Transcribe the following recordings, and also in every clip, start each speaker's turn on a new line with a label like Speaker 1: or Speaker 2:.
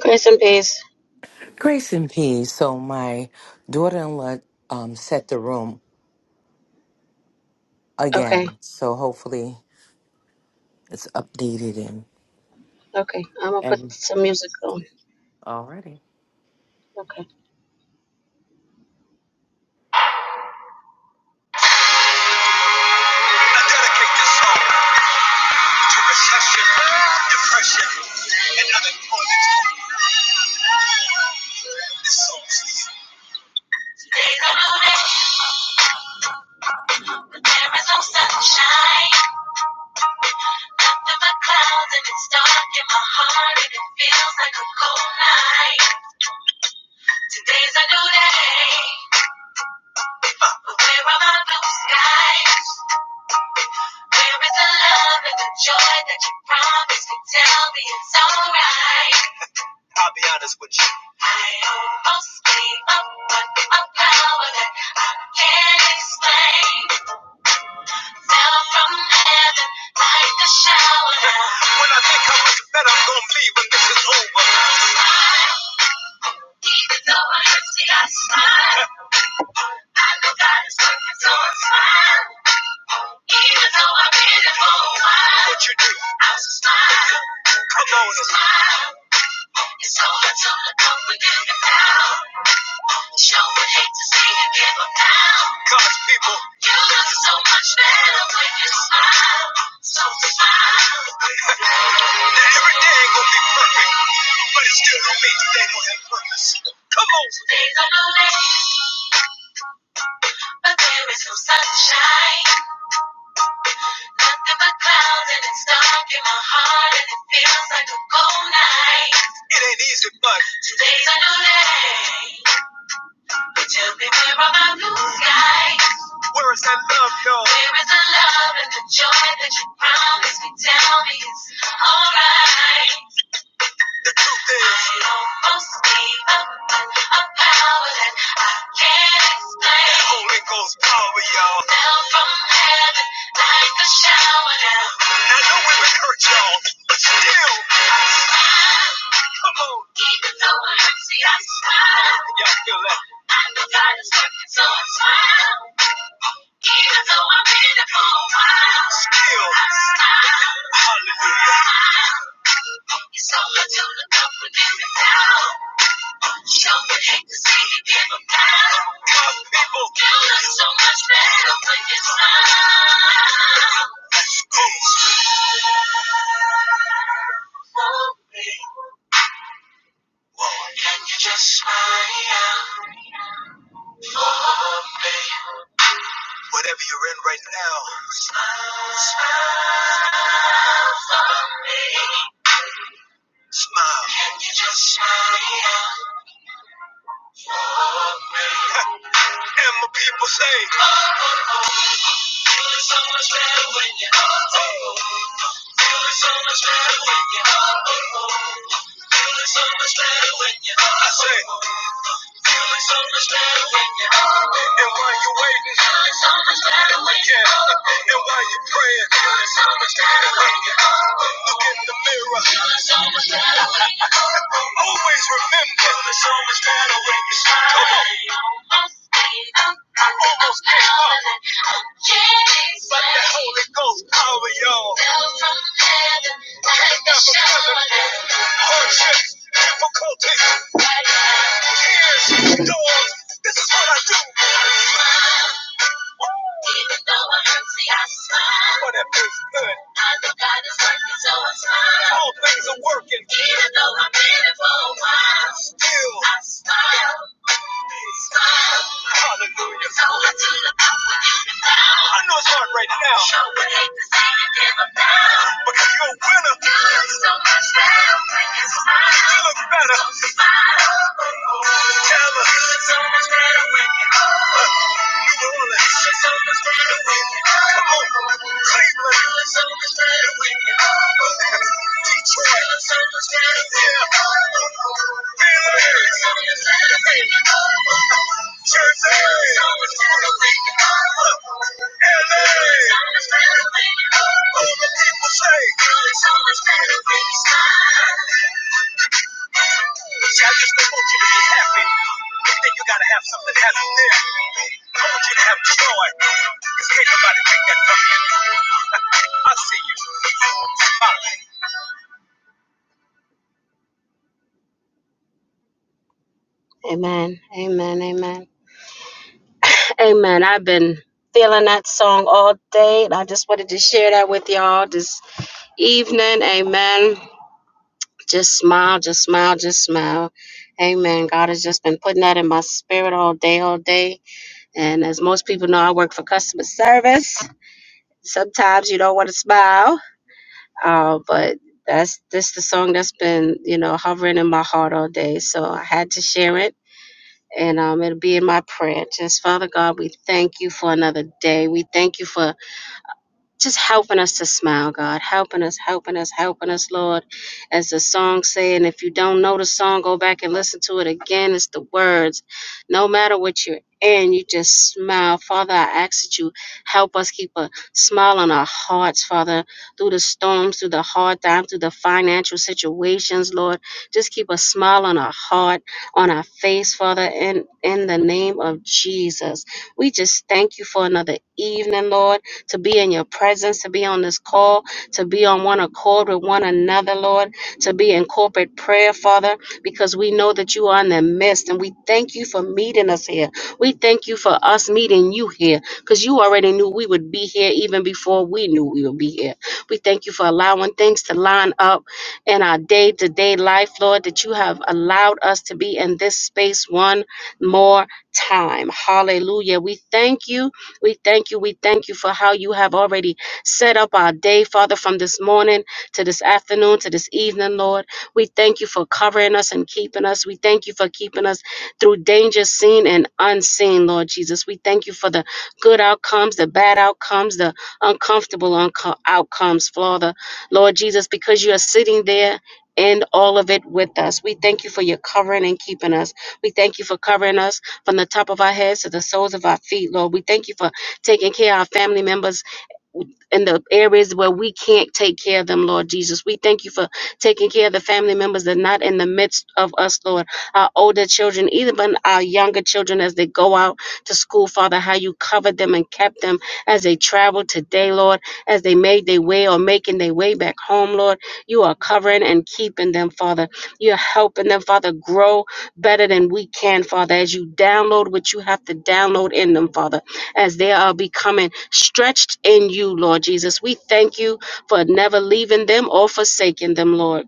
Speaker 1: Grace and peace.
Speaker 2: Grace and peace. So my daughter-in-law um, set the room again.
Speaker 1: Okay,
Speaker 2: So hopefully it's updated and
Speaker 1: okay. I'm gonna put
Speaker 2: and
Speaker 1: some music on.
Speaker 2: alrighty.
Speaker 1: Okay. I dedicate this song to recession, depression, and unemployment. This song's for you. There's no hope, there is no sunshine. After the clouds and it's dark in my heart and it feels like a cold night. Today's a new day, but where are my blue skies? Where is the love and the joy that you promised me? Tell me it's alright. I'll be honest with you. I almost gave up, but a power that I can't explain. Down from heaven like a shower. When I think how much better I'm gonna be when this is over. I smile, even though it hurts me, I smile. I know God is working, so I smile. Even though I've been here for a while. What you do? I smile. Come on, smile. It's over till the coming in the out. Sure would hate to see you give up now. God's people. You look so much better when you smile. So smile. Now every day ain't gonna be perfect, but it still don't mean today don't have purpose. Come on. Days are delayed, but there is no sunshine. Nothing but clouds and it's dark in my heart and it feels like a cold night. It ain't easy, but today's a new day. Tell me where are my blue skies. Where is that love, y'all? Where is the love and the joy that you promised me? Tell me it's alright. The truth is, I almost gave up on a power that I can't explain. That Holy Ghost power, y'all. Fell from heaven like a shower down. I know we've hurt, y'all, but still, I smile. Come on. Even though it hurts me, I smile. Y'all feel that? I'm the God that's working so I smile. Even though I've been here for a while. Still. I smile. Hallelujah. Smile. It's over to look up and give it down. Show me hate to see you give them down. Come people. You look so much better when you smile. Let's go. Smile for can you just smile? Whatever you're in right now, smile, smile for me. Smile. Can you just smile for me? and my people say, Oh, oh, oh, Feeling so much better when you're oh, oh, oh. Feeling so much better when you're oh, oh, oh. Feeling so much better when you're I say. oh, oh, oh. Feeling so much better when you're up. And while you're waiting, feeling so much better when you're up. And while you're praying, feeling so much better when you're up. Look in the mirror, feeling so much better when you're up. Always remember, feeling so much better when you smile. Come on. Almost gave up. I Almost gave up. I can't explain. But the Holy Ghost power, y'all. Fell from heaven like a shower. Hardships, difficulties. Here's the door. This is what I do. Even though I hurt, see, I smile. But it feels good. I know God is working, so I smile. All things are working. Even though I'm in it for a while. Still. I smile. Smile. Hallelujah. So I do the power when you can bow. I know it's hard right now. Sure would hate to see you give up now. Because you're a winner. You've so much now. Bring a smile. You look better. Tell her. New Orleans. Come on. Cleveland. Detroit. Yeah. Philly. Jersey. LA. All the people say. See, I just don't want you to be happy and think you gotta have something happy there. I want you to have joy. Because can't nobody take that from you. I see you. Bye. Amen. Amen. Amen. Amen. I've been feeling that song all day. and I just wanted to share that with y'all this evening. Amen. Just smile, just smile, just smile. Amen. God has just been putting that in my spirit all day, all day. And as most people know, I work for customer service. Sometimes you don't want to smile, uh, but that's this the song that's been you know hovering in my heart all day. So I had to share it, and um, it'll be in my prayer. Just Father God, we thank you for another day. We thank you for just helping us to smile, God. Helping us, helping us, helping us, Lord. As the song said. and if you don't know the song, go back and listen to it again. It's the words. No matter what you're in, you just smile. Father, I ask that you help us keep a smile on our hearts, Father, through the storms, through the hard times, through the financial situations, Lord. Just keep a smile on our heart, on our face, Father, in, in the name of Jesus. We just thank you for another evening, Lord to be in your presence, to be on this call, to be on one accord with one another, Lord, to be in corporate prayer, Father, because we know that you are in the midst. And we thank you for meeting us here. We thank you for us meeting you here because you already knew we would be here even before we knew we would be here. We thank you for allowing things to line up in our day to day life, Lord, that you have allowed us to be in this space one more time. Hallelujah. We thank you we thank you. We thank you for how you have already set up our day, Father, from this morning to this afternoon to this evening, Lord. We thank you for covering us and keeping us. We thank you for keeping us through danger seen and unseen, Lord Jesus. We thank you for the good outcomes, the bad outcomes, the uncomfortable unco- outcomes, Father. Lord Jesus, because you are sitting there. in all of it with us. We thank you for your covering and keeping us. We thank you for covering us from the top of our heads to the soles of our feet, Lord. We thank you for taking care of our family members in the areas where we can't take care of them, Lord Jesus. We thank you for taking care of the family members that are not in the midst of us, Lord. Our older children, even our younger children as they go out to school, Father, how you covered them and kept them as they traveled today, Lord, as they made their way or making their way back home, Lord. You are covering and keeping them, Father. You're helping them, Father, grow better than we can, Father, as you download what you have to download in them, Father as they are becoming stretched in you, Lord Jesus. We thank you for never leaving them or forsaking them, Lord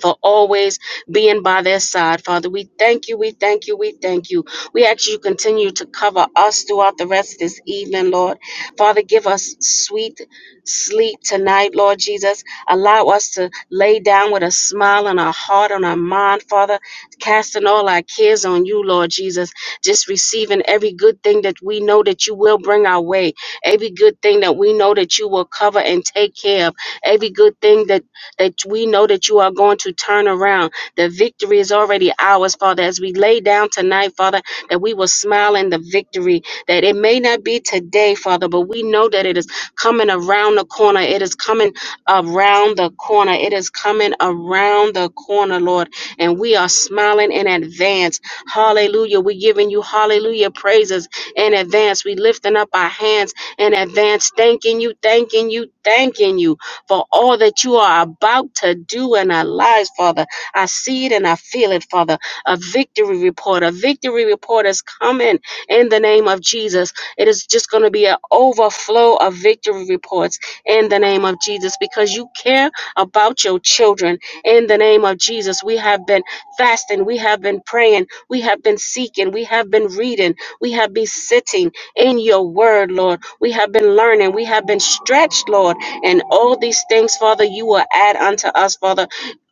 Speaker 1: for always being by their side. Father, we thank you, we thank you, we thank you. We ask you to continue to cover us throughout the rest of this evening, Lord. Father, give us sweet sleep tonight, Lord Jesus. Allow us to lay down with a smile on our heart, on our mind, Father, casting all our cares on you, Lord Jesus. Just receiving every good thing that we know that you will bring our way, every good thing that we know that you will cover and take care of, every good thing that that we know that you are going to turn around. The victory is already ours, Father. As we lay down tonight, Father, that we will smile in the victory, that it may not be today, Father, but we know that it is coming around the corner. It is coming around the corner. It is coming around the corner, Lord. And we are smiling in advance. Hallelujah. We're giving you hallelujah praises in advance. we lifting up our hands in advance, thanking you, thanking you, thanking you for all that you are about to do in our lives, Father. I see it and I feel it, Father. A victory report, a victory report is coming in the name of Jesus. It is just going to be an overflow of victory reports in the name of Jesus because you care about your children in the name of Jesus. We have been fasting, we have been praying, we have been seeking, we have been reading, we have been sitting in your word, Lord. We have been learning, we have been stretched, Lord and all these things, Father, you will add unto us, Father.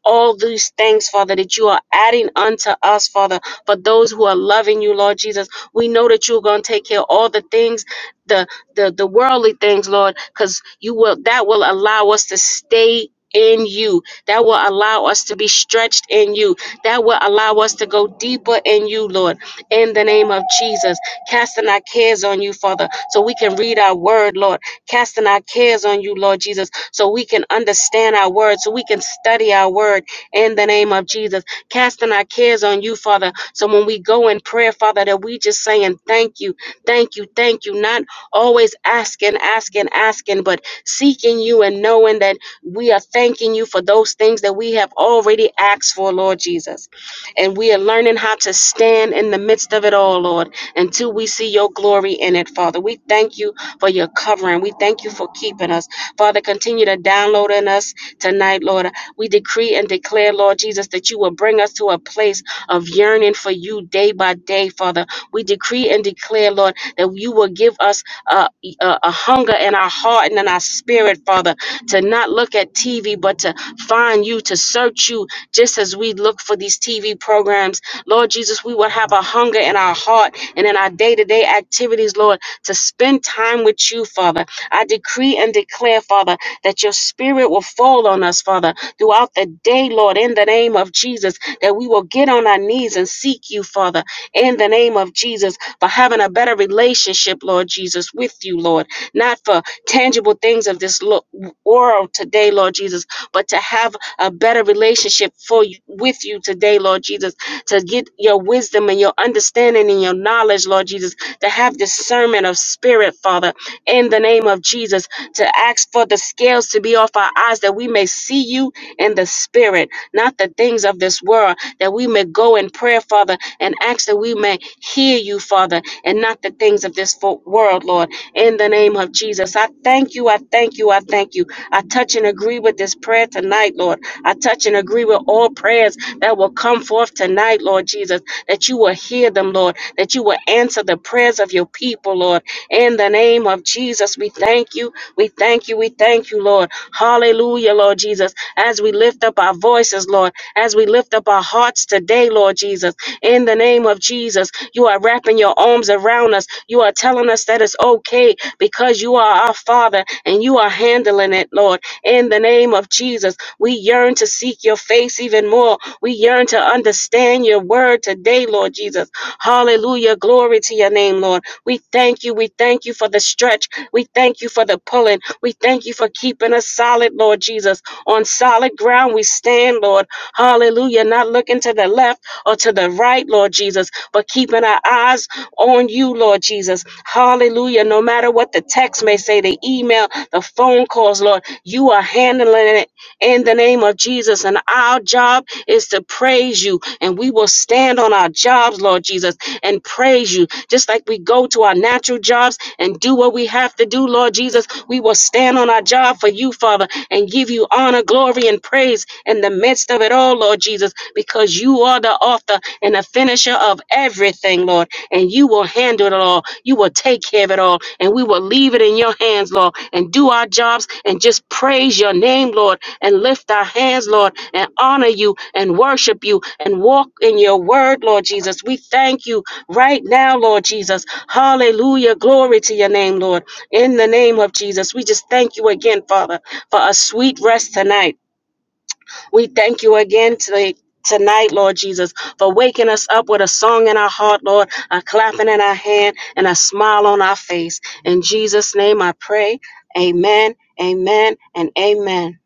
Speaker 1: All these things, Father, that you are adding unto us, Father, for those who are loving you, Lord Jesus. We know that you're going to take care of all the things, the the the worldly things, Lord, because you will that will allow us to stay in you that will allow us to be stretched in you that will allow us to go deeper in you lord in the name of jesus casting our cares on you father so we can read our word lord casting our cares on you, Lord Jesus, so we can understand our word, so we can study our word in the name of Jesus. Casting our cares on you, Father, so when we go in prayer, Father, that we just saying thank you, thank you, thank you, not always asking, asking, asking, but seeking you and knowing that we are thanking you for those things that we have already asked for, Lord Jesus. And we are learning how to stand in the midst of it all, Lord, until we see your glory in it, Father. We thank you for your covering. We thank you for keeping us. Father, continue to download in us tonight, Lord. We decree and declare, Lord Jesus, that you will bring us to a place of yearning for you day by day, Father. We decree and declare, Lord, that you will give us a, a, a hunger in our heart and in our spirit, Father, to not look at TV, but to find you, to search you, just as we look for these TV programs. Lord Jesus, we will have a hunger in our heart and in our day to day activities, Lord to spend time with you, Father. I decree and declare, Father, that your spirit will fall on us, Father, throughout the day, Lord, in the name of Jesus, that we will get on our knees and seek you, Father, in the name of Jesus, for having a better relationship, Lord Jesus, with you, Lord, not for tangible things of this lo- world today, Lord Jesus, but to have a better relationship for you with you today, Lord Jesus, to get your wisdom and your understanding and your knowledge, Lord Jesus, to have discernment of spirit, Father, in the name of Jesus, to ask for the scales to be off our eyes that we may see you in the spirit, not the things of this world, that we may go in prayer, Father, and ask that we may hear you, Father, and not the things of this fo- world, Lord in the name of Jesus. I thank you. I thank you. I thank you. I touch and agree with this prayer tonight, Lord. I touch and agree with all prayers that will come forth tonight, Lord Jesus, that you will hear them, Lord, that you will answer the prayers of your people, Lord. In the name of Jesus, we thank you. We thank you. We thank you, Lord. Hallelujah, Lord Jesus. As we lift up our voices, Lord, as we lift up our hearts today, Lord Jesus. In the name of Jesus, you are wrapping your arms around us. You are telling us that it's okay because you are our Father and you are handling it, Lord. In the name of Jesus, we yearn to seek your face even more. We yearn to understand your word today, Lord Jesus. Hallelujah. Glory to your name, Lord. We thank you. We thank you for the stretch. We thank you for the pulling. We thank you for keeping us solid, Lord Jesus. On solid ground we stand, Lord. Hallelujah. Not looking to the left or to the right, Lord Jesus, but keeping our eyes on you, Lord Jesus. Hallelujah. No matter what the text may say, the email, the phone calls, Lord, you are handling it in the name of Jesus. And our job is to praise you. And we will stand on our jobs, Lord Jesus, and praise you. Just like we go to our natural jobs and do what we have to do, Lord Jesus, we will stand on our job for you, Father, and give you honor, glory, and praise in the midst of it all, Lord Jesus because because you are the author and the finisher of everything, Lord. And you will handle it all. You will take care of it all. And we will leave it in your hands, Lord, and do our jobs and just praise your name, Lord, and lift our hands, Lord, and honor you and worship you and walk in your word, Lord Jesus. We thank you right now, Lord Jesus. Hallelujah. Glory to your name, Lord. In the name of Jesus, we just thank you again, Father, for a sweet rest tonight. We thank you again today. Tonight, Lord Jesus, for waking us up with a song in our heart, Lord, a clapping in our hand, and a smile on our face. In Jesus' name I pray. Amen, amen, and amen.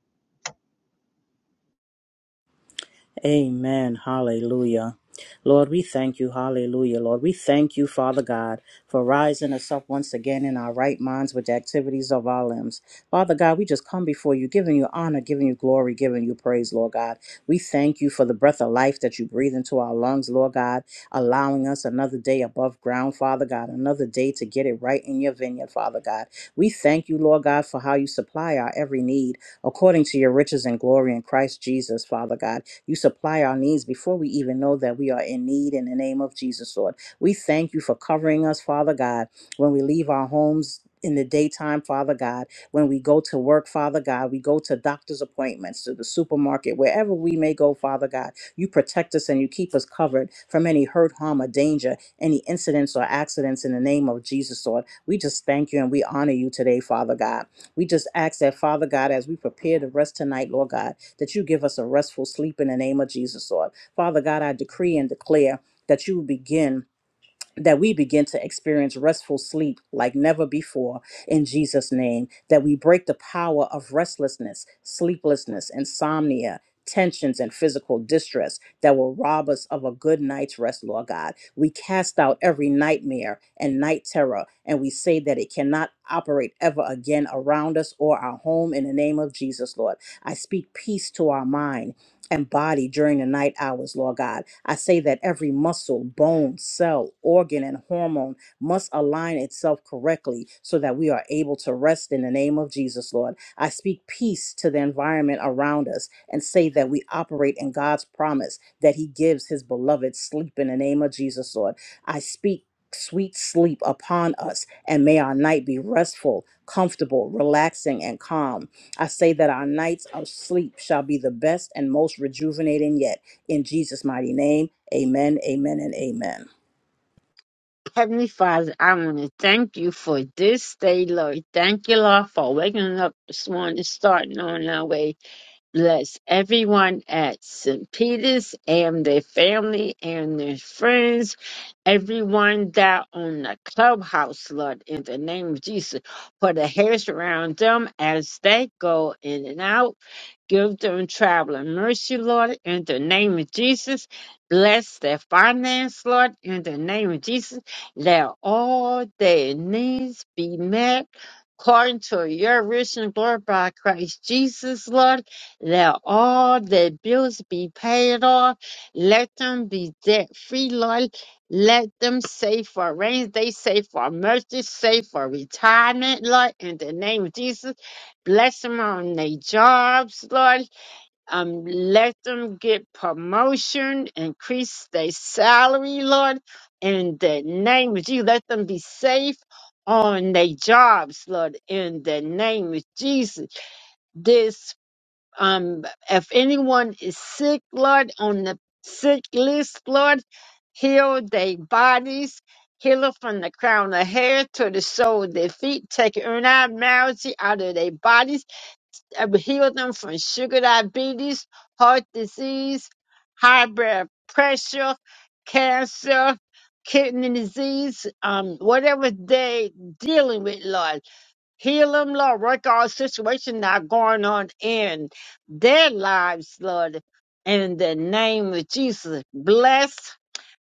Speaker 3: Amen. Hallelujah. Lord, we thank you. Hallelujah. Lord, we thank you, Father God, for rising us up once again in our right minds with the activities of our limbs. Father God, we just come before you, giving you honor, giving you glory, giving you praise, Lord God. We thank you for the breath of life that you breathe into our lungs, Lord God, allowing us another day above ground, Father God, another day to get it right in your vineyard, Father God. We thank you, Lord God, for how you supply our every need according to your riches and glory in Christ Jesus, Father God. You supply our needs before we even know that we are in need in the name of Jesus, Lord. We thank you for covering us, Father God, when we leave our homes. In the daytime, Father God, when we go to work, Father God, we go to doctor's appointments, to the supermarket, wherever we may go, Father God, you protect us and you keep us covered from any hurt, harm, or danger, any incidents or accidents in the name of Jesus, Lord. We just thank you and we honor you today, Father God. We just ask that, Father God, as we prepare to rest tonight, Lord God, that you give us a restful sleep in the name of Jesus, Lord. Father God, I decree and declare that you begin that we begin to experience restful sleep like never before in Jesus' name, that we break the power of restlessness, sleeplessness, insomnia. Tensions and physical distress that will rob us of a good night's rest, Lord God. We cast out every nightmare and night terror, and we say that it cannot operate ever again around us or our home in the name of Jesus, Lord. I speak peace to our mind and body during the night hours, Lord God. I say that every muscle, bone, cell, organ, and hormone must align itself correctly so that we are able to rest in the name of Jesus, Lord. I speak peace to the environment around us and say that we operate in God's promise that He gives His beloved sleep in the name of Jesus, Lord. I speak. Sweet sleep upon us, and may our night be restful, comfortable, relaxing, and calm I say that our nights of sleep shall be the best and most rejuvenating yet. In Jesus' mighty name, amen, amen, and amen.
Speaker 4: Heavenly Father, I want to thank you for this day, Lord. Thank you, Lord, for waking up this morning, starting on our way. Bless everyone at St. Peter's and their family and their friends, everyone down on the clubhouse, Lord, in the name of Jesus. Put a hedge around them as they go in and out. Give them traveling mercy, Lord, in the name of Jesus. Bless their finance, Lord, in the name of Jesus. Let all their needs be met according to your rich and glory by Christ Jesus, Lord let all their bills be paid off. Let them be debt free, Lord. Let them save for rains. They save for mercy, save for retirement, Lord. In the name of Jesus, bless them on their jobs, Lord. Um, let them get promotion, increase their salary, Lord. In the name of Jesus, let them be safe on their jobs, Lord. In the name of Jesus, this um, if anyone is sick, Lord, on the sick list, Lord, heal their bodies. Heal it from the crown of hair to the sole of their feet. Take abnormality out of their bodies. and Heal them from sugar diabetes, heart disease, high blood pressure, cancer, kidney disease, um, whatever they dealing with, Lord. Heal them, Lord. Work all situations that are going on in their lives, Lord. In the name of Jesus, bless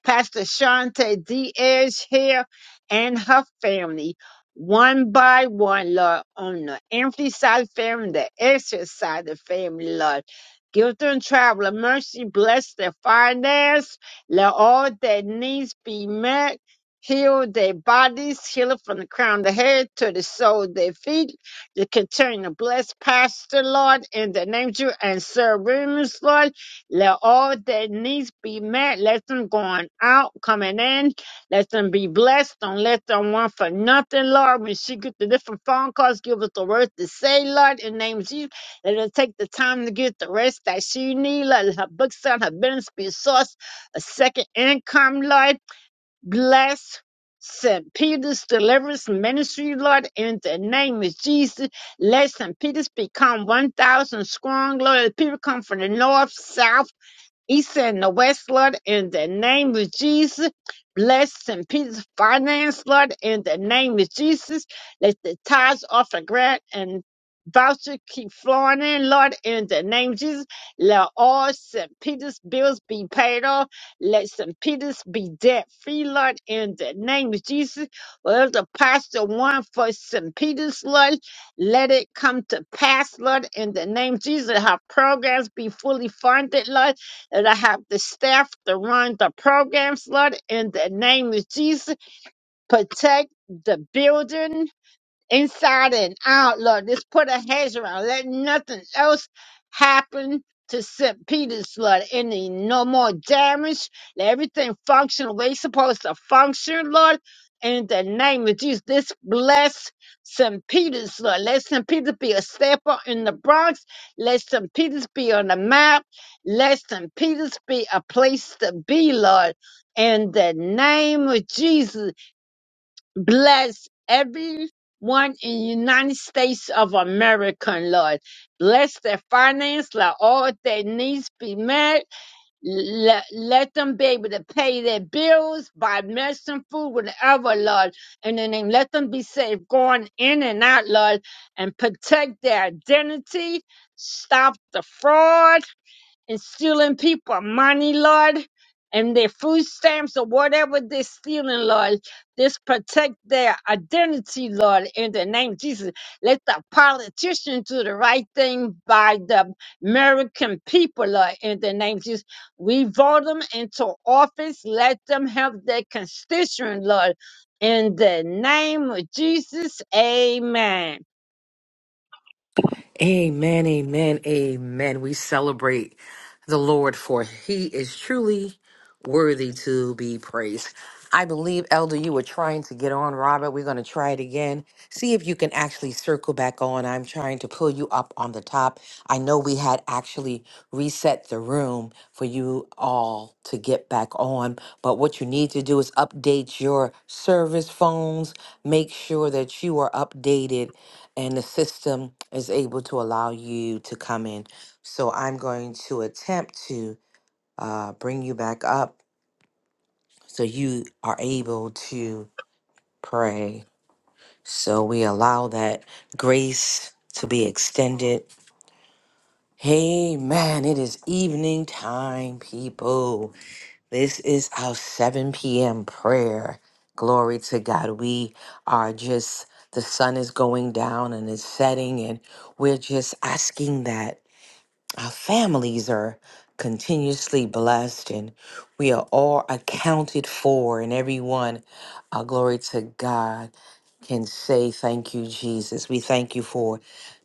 Speaker 4: Pastor Shante Diaz here and her family, one by one, Lord, on the empty side family, the exit side of the family, Lord. Give them travel and mercy, bless their finance, let all their needs be met. Heal their bodies, heal it from the crown of the head to the sole of their feet. To continue to bless Pastor Lord in the name of you and Sir Remus Lord let all that needs be met. Let them going out, coming in. Let them be blessed. Don't let them want for nothing, Lord. When she get the different phone calls, give us the words to say, Lord, in the name of Jesus. Let her take the time to get the rest that she need. Let her books out, her business be a source, a second income, Lord. Bless. St. Peter's Deliverance Ministry, Lord, in the name of Jesus. Let St. Peter's become 1,000 strong, Lord. People come from the north, south, east and the west, Lord, in the name of Jesus. Bless and peace finance, Lord, in the name of Jesus. Let the tithes off the grant and voucher keep flowing in, Lord, in the name of Jesus. Let all St. Peter's bills be paid off. Let St. Peter's be debt free, Lord, in the name of Jesus. Well, the pastor one for St. Peter's, Lord, let it come to pass, Lord, in the name of Jesus. Her programs be fully funded, Lord and I have the staff to run the programs, Lord, in the name of Jesus. Protect the building inside and out, Lord. Just put a hedge around. Let nothing else happen to St. Peter's, Lord. Any no more damage. Let everything function the way it's supposed to function, Lord. In the name of Jesus, this bless St. Peter's, Lord. Let St. Peter's be a stepper in the Bronx. Let St. Peter's be on the map. Let St. Peter's be a place to be, Lord. In the name of Jesus, Bless everyone in United States of America, Lord. Bless their finance, let all their needs be met. Let, let them be able to pay their bills, buy medicine, food, whatever, Lord. And then they let them be safe going in and out, Lord, and protect their identity. Stop the fraud and stealing people money, Lord, and their food stamps or whatever they're stealing, Lord. Just protect their identity, Lord, in the name of Jesus. Let the politicians do the right thing by the American people, Lord, in the name of Jesus. We vote them into office. Let them have their constituent, Lord. In the name of Jesus, amen.
Speaker 2: Amen, amen, amen. We celebrate the Lord for he is truly worthy to be praised. I believe, Elder, you were trying to get on, Robert. We're going to try it again. See if you can actually circle back on. I'm trying to pull you up on the top. I know we had actually reset the room for you all to get back on, but what you need to do is update your service phones. Make sure that you are updated and the system is able to allow you to come in. So I'm going to attempt to uh, bring you back up so you are able to pray. So we allow that grace to be extended. Hey man, it is evening time, people. This is our 7 p.m. prayer. Glory to God. We are just, the sun is going down and it's setting, and we're just asking that. Our families are continuously blessed and we are all accounted for, and everyone, uh, glory to God, can say, Thank you, Jesus. We thank you for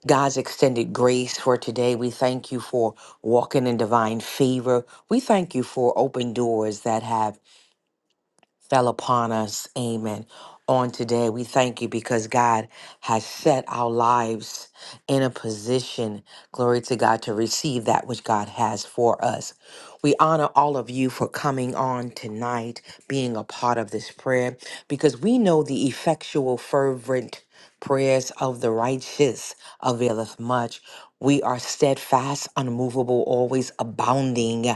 Speaker 2: God's extended grace for today. We thank you for walking in divine favor. We thank you for open doors that have fell upon us. Amen. On today, we thank you because God has set our lives in a position, glory to God, to receive that which God has for us. We honor all of you for coming on tonight, being a part of this prayer, because we know the effectual, fervent prayers of the righteous availeth much. We are steadfast, unmovable, always abounding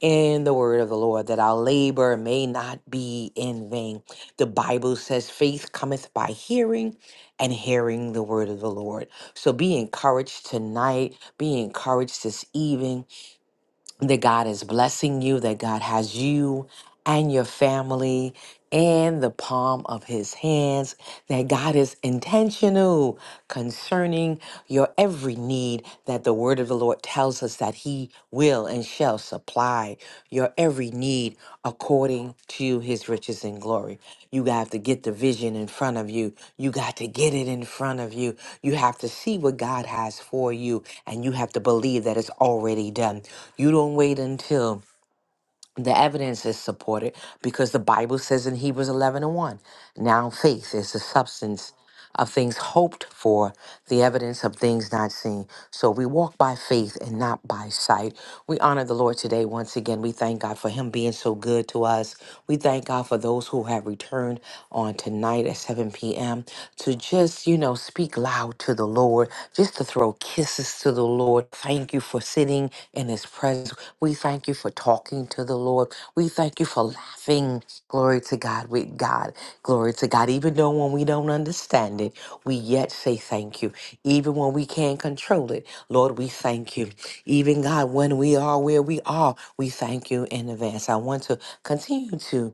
Speaker 2: in the word of the Lord, that our labor may not be in vain. The Bible says, faith cometh by hearing and hearing the word of the Lord. So be encouraged tonight. Be encouraged this evening that God is blessing you, that God has you and your family in the palm of his hands, that God is intentional concerning your every need, that the word of the Lord tells us that he will and shall supply your every need according to his riches and glory. You have to get the vision in front of you. You got to get it in front of you. You have to see what God has for you, and you have to believe that it's already done. You don't wait until the evidence is supported because the Bible says in Hebrews 11 and 1 now faith is the substance of things hoped for, the evidence of things not seen. So we walk by faith and not by sight. We honor the Lord today once again. We thank God for Him being so good to us. We thank God for those who have returned on tonight at 7 p.m. to just, you know, speak loud to the Lord. Lord, just to throw kisses to the Lord. Thank you for sitting in His presence. We thank you for talking to the Lord. We thank you for laughing. Glory to God with God. Glory to God. Even though when we don't understand it, we yet say thank you. Even when we can't control it, Lord, we thank you. Even God, when we are where we are, we thank you in advance. I want to continue to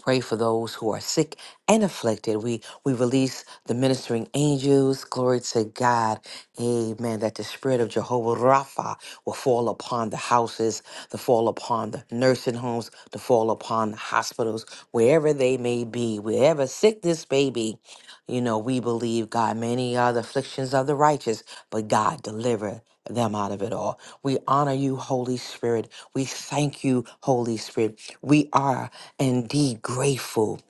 Speaker 2: pray for those who are sick and afflicted. We we release the ministering angels. Glory to God. Amen. That the spirit of Jehovah Rapha will fall upon the houses, to fall upon the nursing homes, to fall upon the hospitals, wherever they may be, wherever sickness may be. You know, we believe God, many are the afflictions of the righteous, but God delivered them out of it all. We honor you, Holy Spirit. We thank you, Holy Spirit. We are indeed grateful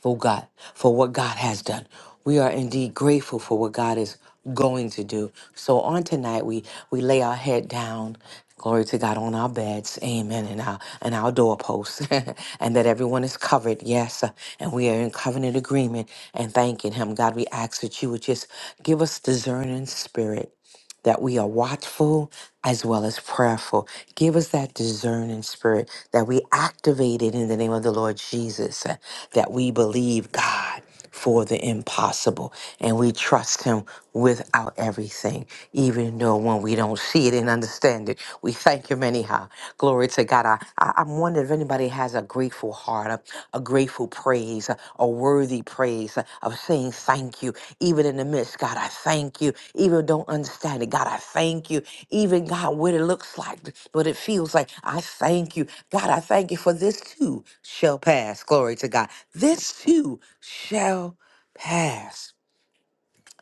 Speaker 2: for God, for what God has done. We are indeed grateful for what God is going to do. So on tonight, we we lay our head down. Glory to God on our beds, Amen, and our and our doorposts, and that everyone is covered. Yes, and we are in covenant agreement and thanking Him. God, we ask that you would just give us discerning spirit that we are watchful as well as prayerful. Give us that discerning spirit that we activate it in the name of the Lord Jesus, uh, that we believe God for the impossible and we trust Him with our everything, even though when we don't see it and understand it, we thank Him anyhow. Glory to God. I, I- I'm wonder if anybody has a grateful heart, a, a grateful praise, a, a worthy praise uh, of saying thank you, even in the midst. God, I thank you. Even don't understand it. God, I thank you. Even God, what it looks like, what it feels like. I thank you. God, I thank you for this too shall pass. Glory to God. This too shall pass.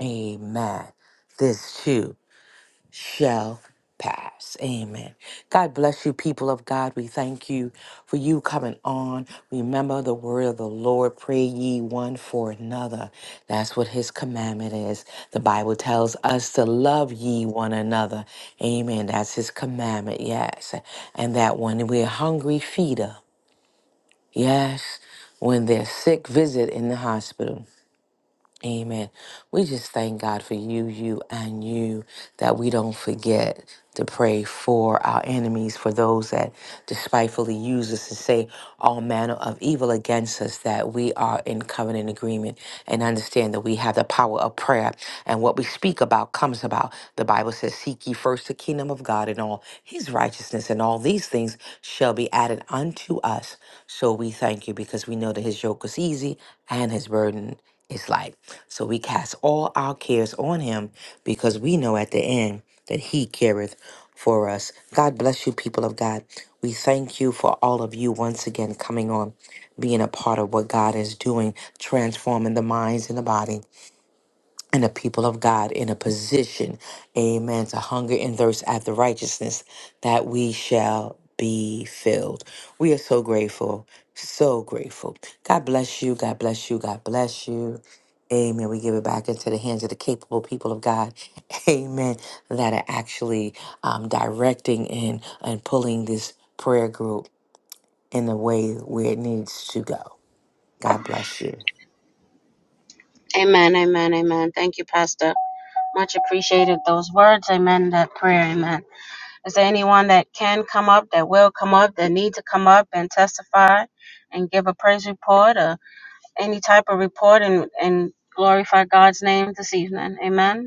Speaker 2: Amen. This too shall pass. Amen. God bless you, people of God. We thank you for you coming on. Remember the word of the Lord. Pray ye one for another. That's what his commandment is. The Bible tells us to love ye one another. Amen. That's his commandment. Yes. And that when we're hungry, feed 'em. Yes. When they're sick, visit in the hospital Amen. We just thank God for you, you, and you, that we don't forget to pray for our enemies, for those that despitefully use us and say all manner of evil against us, that we are in covenant agreement and understand that we have the power of prayer. And what we speak about comes about. The Bible says, Seek ye first the kingdom of God and all his righteousness, and all these things shall be added unto us. So we thank you because we know that his yoke is easy and his burden it's like, so we cast all our cares on him because we know at the end that he careth for us. God bless you, people of God. We thank you for all of you once again coming on, being a part of what God is doing, transforming the minds and the body and the people of God in a position, amen, to hunger and thirst after righteousness, that we shall be filled. We are so grateful, so grateful. God bless you, God bless you, God bless you. Amen. We give it back into the hands of the capable people of God. Amen. That are actually um, directing and, and pulling this prayer group in the way where it needs to go. God bless you.
Speaker 1: Amen, amen, amen. Thank you, Pastor. Much appreciated those words. Amen, that prayer. Amen. Is there anyone that can come up, that will come up, that need to come up and testify and give a praise report or any type of report and, and glorify God's name this evening? Amen.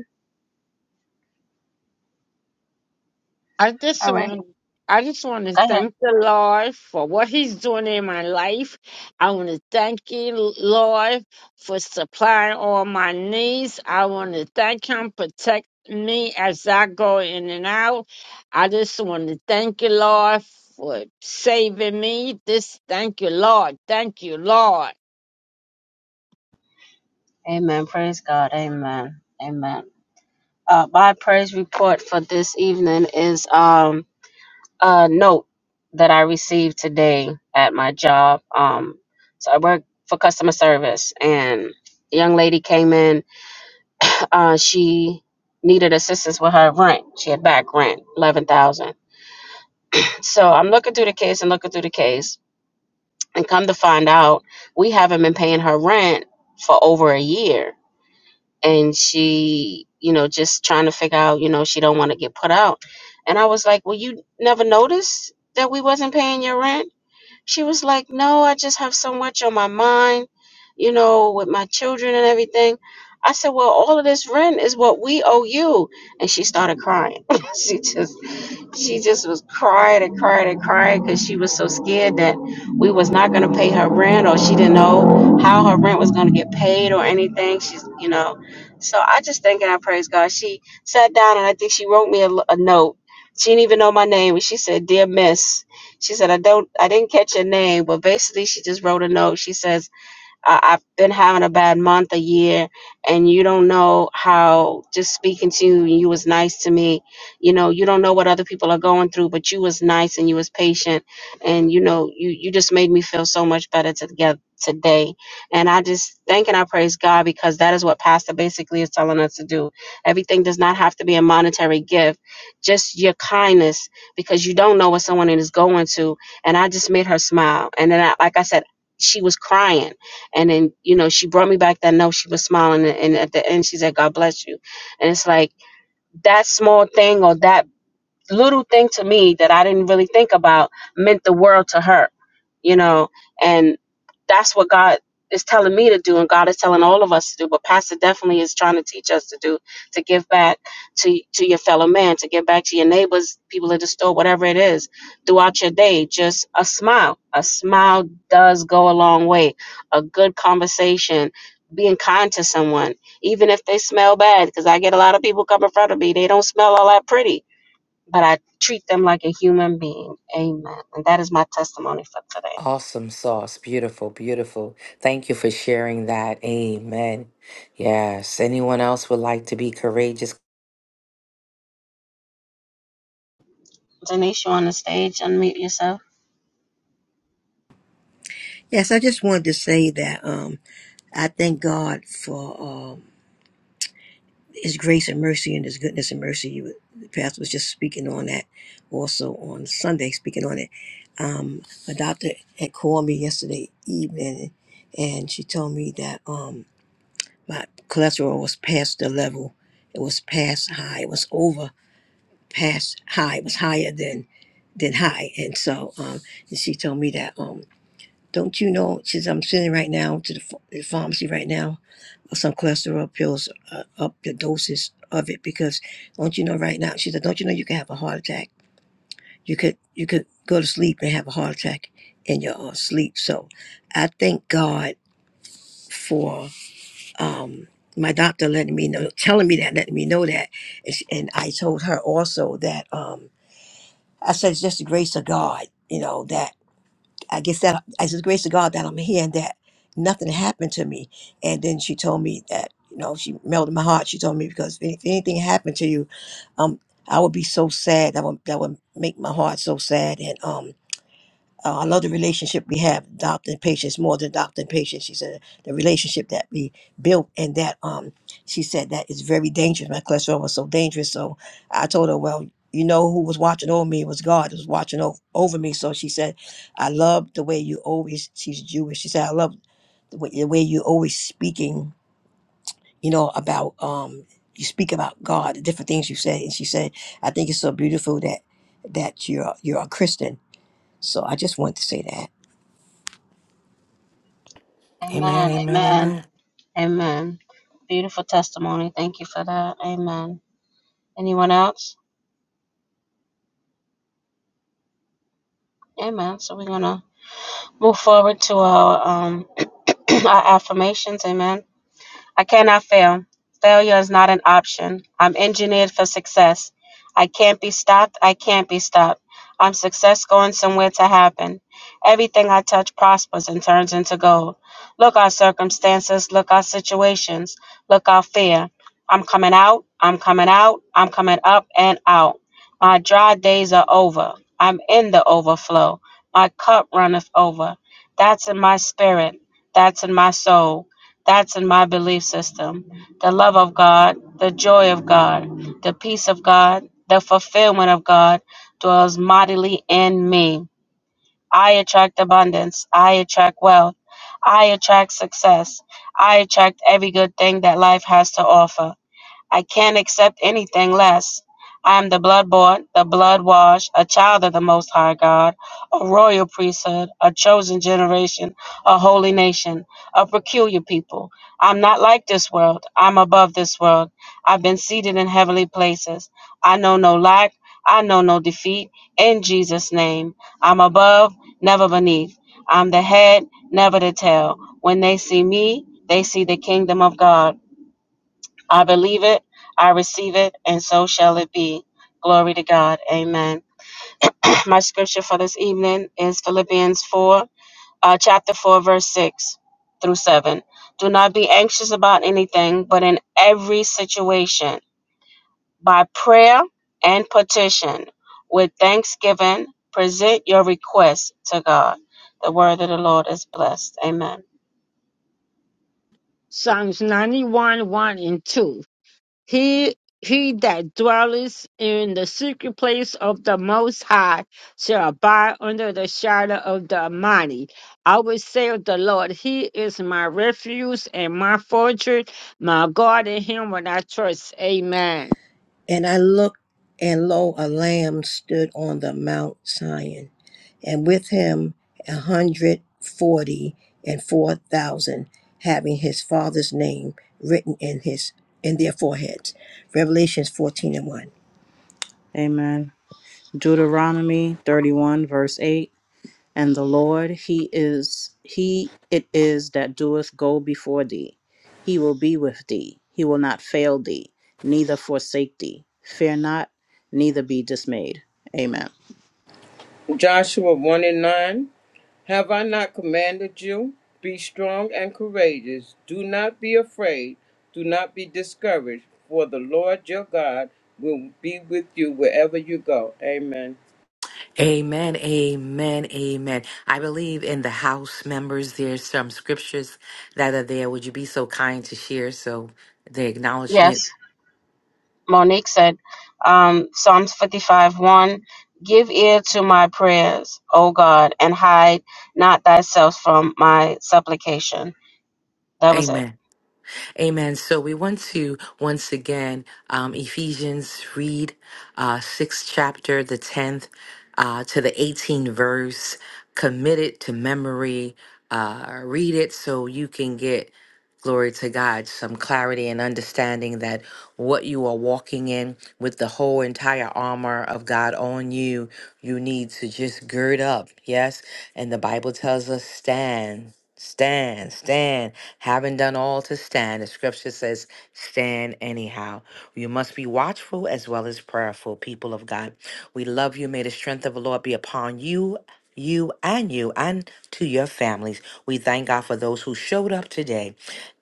Speaker 4: I just
Speaker 1: All right.
Speaker 4: want I just want to
Speaker 1: Go ahead.
Speaker 4: thank the Lord for what He's doing in my life. I want to thank you, Lord, for supplying all my needs. I want to thank Him, protect me as I go in and out. I just want to thank you, Lord, for saving me. This thank you, Lord. Thank you, Lord.
Speaker 1: Amen. Praise God. Amen. Amen. Uh, my praise report for this evening is um, a note that I received today at my job. Um, so I work for customer service, and a young lady came in. Uh, she needed assistance with her rent. She had back rent, eleven thousand. So I'm looking through the case and looking through the case, and come to find out, we haven't been paying her rent for over a year and she you know just trying to figure out you know she don't want to get put out and i was like well you never noticed that we wasn't paying your rent she was like no i just have so much on my mind you know with my children and everything i said well all of this rent is what we owe you and she started crying she just she just was crying and crying and crying because she was so scared that we was not going to pay her rent or she didn't know how her rent was going to get paid or anything she's you know so i just thank and i praise god she sat down and i think she wrote me a, l- a note she didn't even know my name and she said dear miss she said i don't i didn't catch your name but basically she just wrote a note she says I, I've been having a bad month, a year, and you don't know how just speaking to you, you was nice to me. You know, you don't know what other people are going through, but you was nice and you was patient, and you know, you you just made me feel so much better together today. And I just thank and I praise God because that is what Pastor basically is telling us to do. Everything does not have to be a monetary gift, just your kindness, because you don't know what someone is going to. And I just made her smile, and then I, like I said, she was crying and then, you know, she brought me back that note. She was smiling. And and at the end, she said, God bless you. And it's like that small thing or that little thing to me that I didn't really think about meant the world to her, you know, and that's what God is telling me to do and God is telling all of us to do, but Pastor definitely is trying to teach us to do, to give back to to your fellow man, to give back to your neighbors, people at the store, whatever it is, throughout your day. Just a smile. A smile does go a long way. A good conversation, being kind to someone, even if they smell bad, because I get a lot of people come in front of me, they don't smell all that pretty but I treat them like a human being. Amen. And that is my testimony for today.
Speaker 2: Awesome sauce. Beautiful, beautiful. Thank you for sharing that. Amen. Yes. Anyone else would like to be courageous?
Speaker 1: Denise, you on the stage? Unmute yourself.
Speaker 5: Yes, I just wanted to say that um, I thank God for um, His grace and mercy and His goodness and mercy. You, the pastor was just speaking on that, also on Sunday, speaking on it. Um, my doctor had called me yesterday evening, and she told me that um, my cholesterol was past the level. It was past high. It was over past high. It was higher than than high, and so um, and she told me that. Um, don't you know? Since I'm sending right now to the, ph- the pharmacy right now, some cholesterol pills uh, up the doses of it because don't you know right now? She said, don't you know you can have a heart attack? You could you could go to sleep and have a heart attack in your uh, sleep. So I thank God for um, my doctor letting me know, telling me that, letting me know that, and, she, and I told her also that um, I said it's just the grace of God, you know that I guess that it's the grace of God that I'm here and that nothing happened to me. And then she told me that, you know, she melted my heart. She told me because if if anything happened to you, um, I would be so sad. That would that would make my heart so sad. And um, uh, I love the relationship we have, doctor and patients, more than doctor and patient. She said the relationship that we built and that um, she said that is very dangerous. My cholesterol was so dangerous. So I told her, well, you know who was watching over me It was God was watching over, over me. So she said, I love the way you always. She's Jewish. She said, I love the way, the way you always speaking. You know about um, you speak about God, the different things you say. And she said, I think it's so beautiful that that you're you're a Christian. So I just wanted to say that.
Speaker 2: Amen,
Speaker 1: Amen.
Speaker 2: amen,
Speaker 1: Amen.
Speaker 2: amen.
Speaker 1: Amen. Beautiful testimony. Thank you for that. Amen. Anyone else? Amen. So we're gonna move forward to our um our affirmations. Amen. I cannot fail. Failure is not an option. I'm engineered for success. I can't be stopped. I can't be stopped. I'm success going somewhere to happen. Everything I touch prospers and turns into gold. Look our circumstances, look our situations, look our fear. I'm coming out, I'm coming out, I'm coming up and out. My dry days are over. I'm in the overflow. My cup runneth over. That's in my spirit. That's in my soul. That's in my belief system. The love of God, the joy of God, the peace of God, the fulfillment of God dwells mightily in me. I attract abundance. I attract wealth. I attract success. I attract every good thing that life has to offer. I can't accept anything less. I am the blood bought, the blood washed, a child of the Most High God, a royal priesthood, a chosen generation, a holy nation, a peculiar people. I'm not like this world. I'm above this world. I've been seated in heavenly places. I know no lack. I know no defeat. In Jesus' name, I'm above, never beneath. I'm the head, never the tail. When they see me, they see the kingdom of God. I believe it, I receive it, and so shall it be. Glory to God. Amen. My scripture for this evening is Philippians 4, uh, chapter 4, verse 6 through 7. Do not be anxious about anything, but in every situation, by prayer and petition, with thanksgiving, present your requests to God. The word of the Lord is blessed. Amen.
Speaker 4: Psalms 91, 1 and 2. He he that dwelleth in the secret place of the Most High shall abide under the shadow of the Almighty. I will say of the Lord, He is my refuge and my fortress, my God in Him will I trust. Amen.
Speaker 5: And I looked, and lo, a lamb stood on the Mount Sion, and with him a hundred forty and four thousand, having his father's name written in his in their foreheads. Revelations fourteen and one.
Speaker 3: Amen. Deuteronomy 31, verse 8 And the Lord, He is, He it is that doeth go before thee. He will be with thee. He will not fail thee, neither forsake thee. Fear not, neither be dismayed. Amen.
Speaker 6: Joshua 1 and 9 Have I not commanded you? Be strong and courageous. Do not be afraid. Do not be discouraged, for the Lord your God will be with you wherever you go. Amen.
Speaker 2: Amen, amen, amen. I believe in the house members, there's some scriptures that are there. Would you be so kind to share? So the
Speaker 1: Yes.
Speaker 2: acknowledgement.
Speaker 1: Monique said, um, Psalms 55 1 Give ear to my prayers, O God, and hide not thyself from my supplication. That was it.
Speaker 2: Amen. Amen. So we want to once again, um, Ephesians read uh, sixth chapter, the tenth uh, to the 18th verse. Commit it to memory. Uh, read it so you can get glory to God, some clarity and understanding that what you are walking in with the whole entire armor of God on you, you need to just gird up. Yes. And the Bible tells us stand, stand, stand. Having done all to stand, the scripture says stand anyhow. You must be watchful as well as prayerful, people of God. We love you. May the strength of the Lord be upon you. You and you and to your families. We thank God for those who showed up today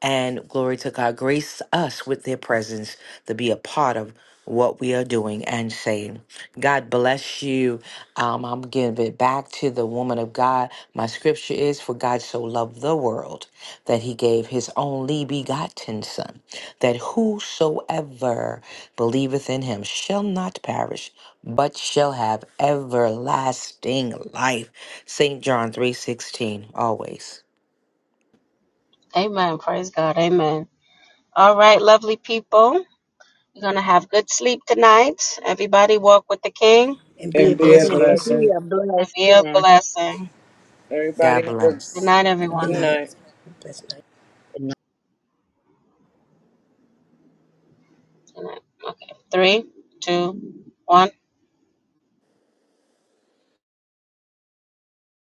Speaker 2: and glory to God, grace us with their presence to be a part of what we are doing and saying. God bless you. Um, I'm giving it back to the woman of God. My scripture is For God so loved the world that he gave his only begotten Son, that whosoever believeth in him shall not perish. But shall have everlasting life. St. John 3:16 always.
Speaker 1: Amen. Praise God. Amen. All right, lovely people. You're going to have good sleep tonight. Everybody walk with the King
Speaker 5: And be
Speaker 3: And
Speaker 5: a
Speaker 6: And be
Speaker 3: be a
Speaker 6: a
Speaker 5: blessing.
Speaker 4: And
Speaker 6: blessing.
Speaker 4: be
Speaker 3: blessing.
Speaker 4: a
Speaker 1: and be a
Speaker 4: blessing.
Speaker 1: blessing.
Speaker 6: Everybody
Speaker 2: God
Speaker 6: have a
Speaker 1: Good
Speaker 2: bless.
Speaker 1: night,
Speaker 3: Good
Speaker 5: Good
Speaker 1: everyone.
Speaker 6: good
Speaker 3: night.
Speaker 5: night.
Speaker 6: night.
Speaker 5: Bless
Speaker 1: Good night. Okay. Three, two, one.